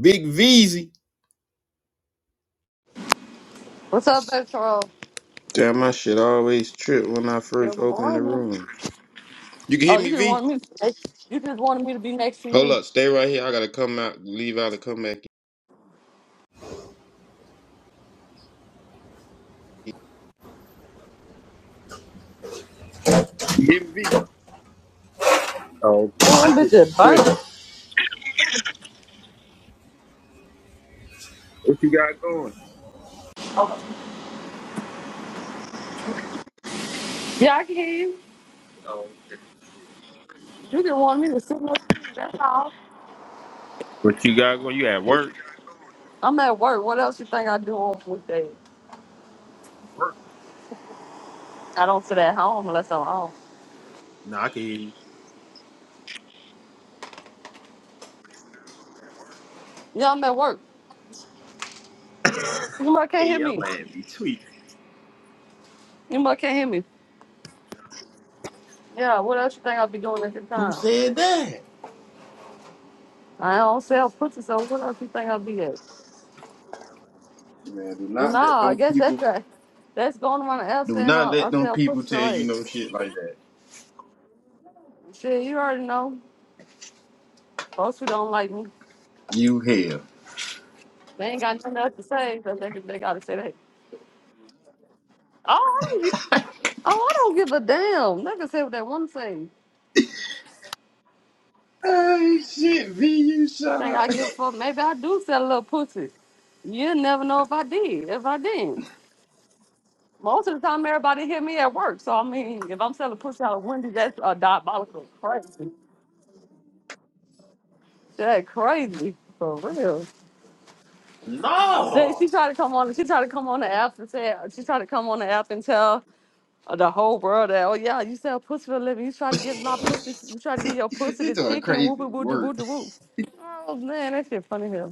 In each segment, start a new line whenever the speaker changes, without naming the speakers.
Big Veezy.
What's up, Petro?
Damn, my shit always trip when I
Good
first open the
morning.
room. You can
Oh,
hear
you
me,
just
V?
wanted me. You just wanted me to be next to
Hold
you.
up, stay right here. I gotta come out, leave out, and come back. in. You hear me, V? Oh, okay. My
Oh, bitch,
shit be
it burnt.
tripping. What you got going?
Yeah, I can hear you. You just wanted me to sit next to you. That's all.
What you got going? You at work?
I'm at work. What else you think I do on weekdays?
Work.
I don't sit at home unless I'm home.
Nah, I can hear you.
Yeah, I'm at work. You must can't
hey,
hear
yo,
me.
ass be tweet.
You must can't hear me. Yeah, what else you think I'll be doing at the
Who
time?
said that?
I don't sell pussy, so what else you think I'll be at?
Man, do not let
Nah, I
them
guess
people.
that's right. That's going around the L
Do
saying
not
I, I
let them
sell pussy,
people tell
so
you
hey,
no shit like that.
shit, you already know. Folks who don't like me,
You hell.
they ain't got nothing else to say, so they, they gotta say that. Oh, I don't give, oh, I don't give a damn. They can say what they want to say.
Hey, shit, V, you
You
shut
think I
up.
give a fuck? Maybe I do sell a little pussy. You'll never know if I did, if I didn't. Most of the time, everybody hear me at work. So I mean, if I'm selling pussy out of Wendy, that's a diabolical crazy. That crazy for real. Say
No.
she tried to come on. She tried to come on the app and say she tried to come on the app and tell Uh, The whole world, that, oh yeah, you sell pussy for a living. You try to give my pussy, you try to get your pussy
He
to
doing
chicken,
crazy
whoop whoop whoop
work.
whoop whoop. Oh man, that shit funny here.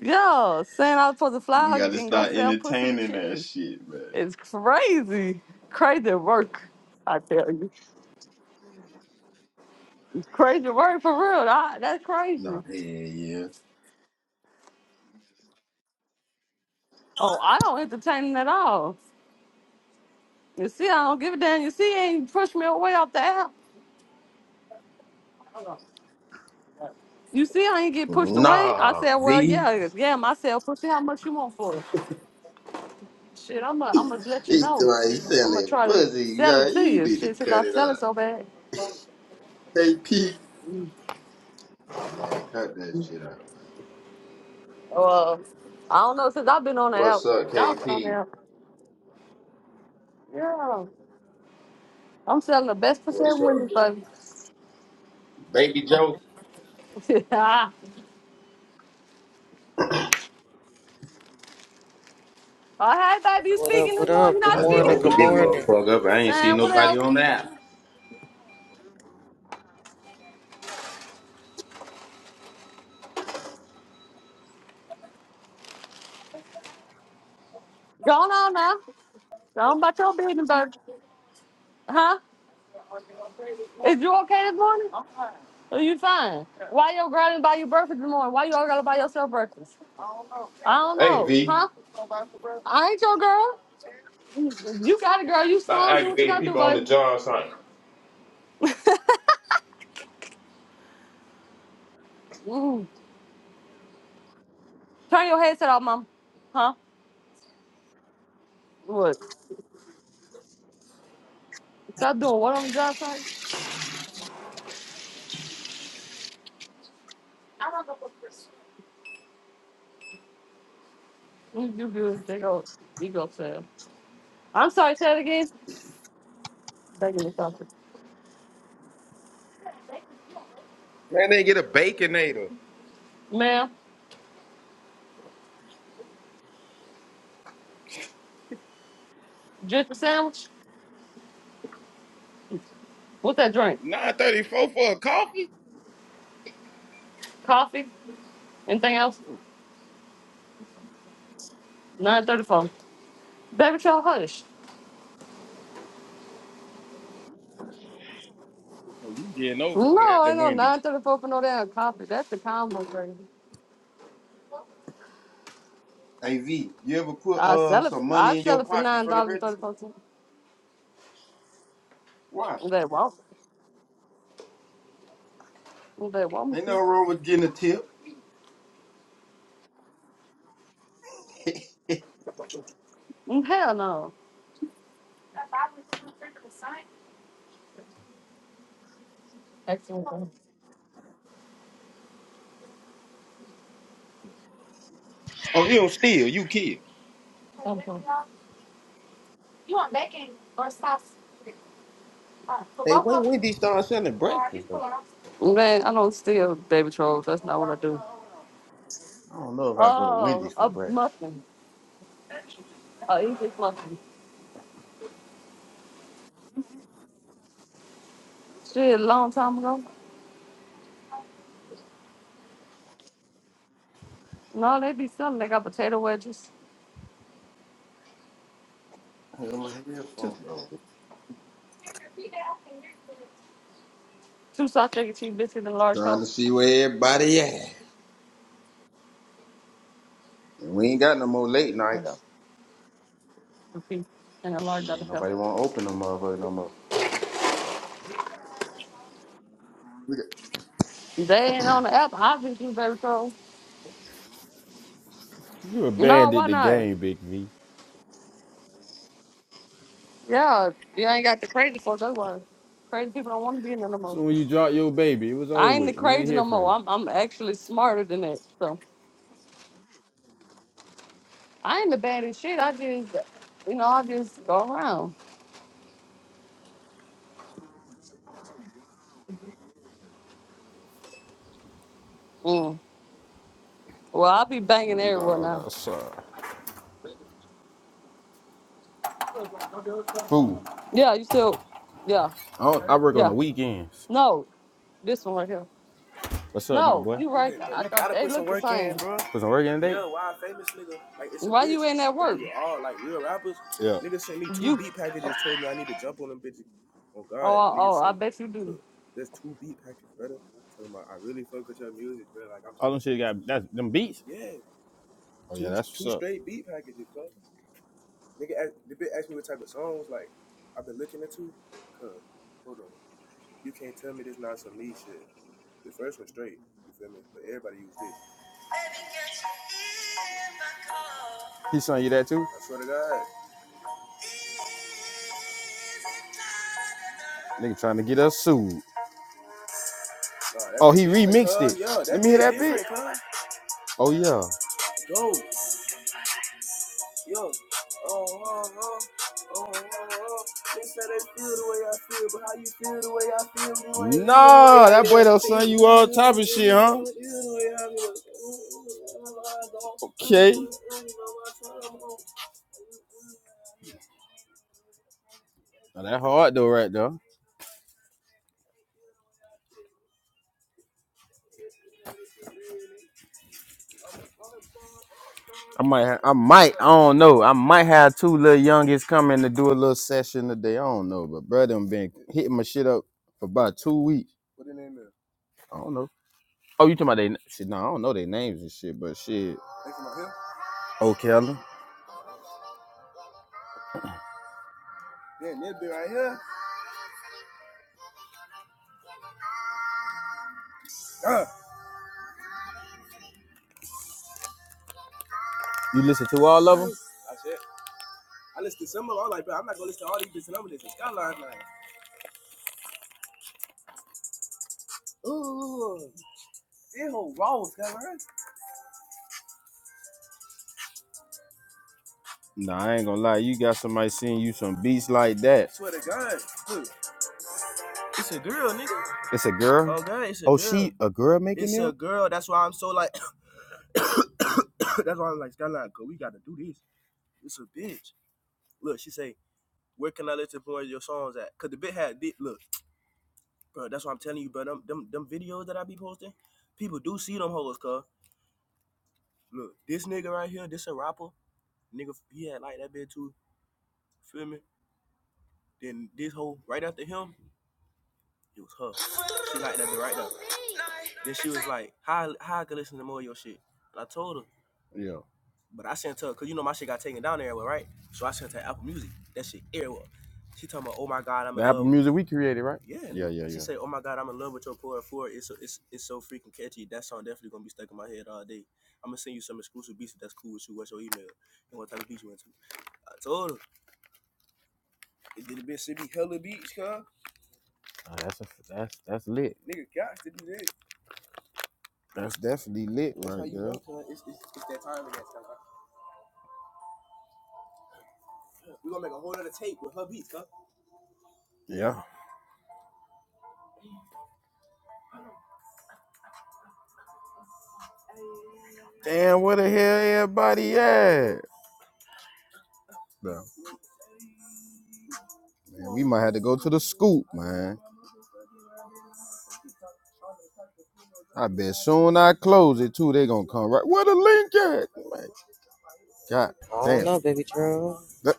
Yeah, saying I was supposed to
We
fly
gotta
and go
start
sell pussy to
entertaining that
chicken.
shit, man.
It's crazy, crazy work. I tell you, it's crazy work for real. I, that's
Nah,
crazy.
hell yeah.
Oh, I don't entertain it at all. You see, I don't give a damn. You see, you ain't push me away off the app. You see, I ain't get pushed away. I
Nah,
said, well,
V.
yeah, yeah, myself. Pussy, how much you want for it? Shit, I'm gonna I'm gonna let you
He
know.
doing
I'm gonna
selling
try to
pussy,
sell it
y'all.
to
You
you.
need to
Shit, since I
cut it
sell it
up.
so bad.
KP. Man, cut that shit up.
Uh, I don't know, since I've been on the app.
What's up,
Y'all been on the
KP?
app. Yeah. I'm selling the best pussy ever
What's
window,
up,
baby.
Baby Joe?
All right, baby, you
What up?
speaking this
What
morning? You
up? Good
not
I just
speaking
morning.
this
Good
opened this
morning?
morning.
motherfucker up. I ain't see
Man,
I
nobody
whatever.
on that.
Going on now. Go on about your business, baby. Huh? Is you okay this morning? So you fine. Why your girl didn't buy you breakfast in the morning? Why you all gotta buy yourself breakfast? I don't
Hey,
know.
V.
Huh? I ain't your girl. You got a girl. You
Stop
strong. Do what you
aggravating
gotta do,
people on the
baby.
job, son.
Mm. Turn your headset off, mom. Huh? What? Stop doing what on the job site? You you good. They go. You go, Sam. I'm sorry, say it again. Begging me something.
Man, they get a baconator.
Ma'am, just a sandwich? What's that drink?
934 for a coffee?
Coffee? Anything else? 934. Baby, y'all hush.
Oh, you getting over it
No,
at the
I know
Wendy's.
nine thirty four for no damn coffee. That's the combo thing.
AV, you ever put
I
uh
sell it.
some
I
money in
sell
your
it for
pocket
nine
from the
dollars and thirty
register?
four cents.
Why?
They want. They want me
Ain't nothing
to.
wrong with getting a tip.
Mm, Hell no. Excellent.
Oh, you don't steal, you kid.
Thank you.
Hey, when Wendy's started selling breakfast though?
Man, I don't steal baby trolls. That's not what I do.
I don't know if I go to
Oh,
Wendy's for
a
breakfast.
muffin. A English muffin. Shit, a long time ago. No, they be selling. They got potato wedges,
I got my
two
headphone though.
two sausage cheese biscuits, and a large
Trying
toast.
to see where everybody at. And we ain't got no more late
Hold up.
nights.
Repeat. And a large
Yeah,
Dr. Pepper.
nobody wanna open no motherfucker no more. We got-
They ain't on the app. I just do baby trolls.
You
No, why
abandoned the
not?
game, Big V.
Yeah, you ain't got the crazy folks. That's why crazy people don't want to be in there no more.
So when you dropped your baby, it was over
I ain't the
with. We ain't
crazy
hear
no
from
more.
you.
I'm I'm actually smarter than that. So I ain't the baddest shit. I just, you know, I just go around. Mm. Well, i be banging
My
everyone
dog
now.
outside. Fool.
Yeah, you still, yeah,
I, don't- I work on
yeah.
the weekends.
No, this one right here.
What's up, my
No,
boy?
you right. I thought they look the same.
Put some work in today?
Why you in that work?
Yeah.
You. Oh, oh, I bet you do.
All them to shit you got that's them beats. Oh yeah, that's He sent you that too? Nigga trying to get us sued. Nah, Oh, he remixed it. Let me hear that bit. Oh yeah. No, that boy don't son you all type of shit, huh? Okay. Now, that hard though, right though? I might, ha- I might, I don't know. I might have two little youngest coming to do a little session today. I don't know, but brother, them been hitting my shit up for about two weeks. I don't know. Oh, you talking about they? Shit, no, I don't know their names and shit, but shit. Okay, you listen to all of them? Nah, I ain't gonna lie. You got somebody sending you some beats like that. It's a girl. a girl making Yeah. Music we created, right? yeah, Oh, that's a, that's that's lit. That's definitely lit, that's Yeah. Damn, where the hell everybody at? Bro, man, we might have to go to the scoop, man. I bet soon I close it too, they gonna come right. Where the link at? Man, God
don't
damn.
know, baby Drew.
That-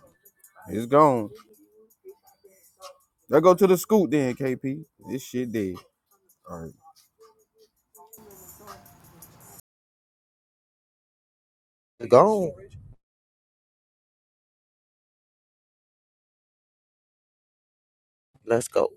It's gone. Let's go to the scoot then, KP. This shit dead. All right.
Go. Let's go.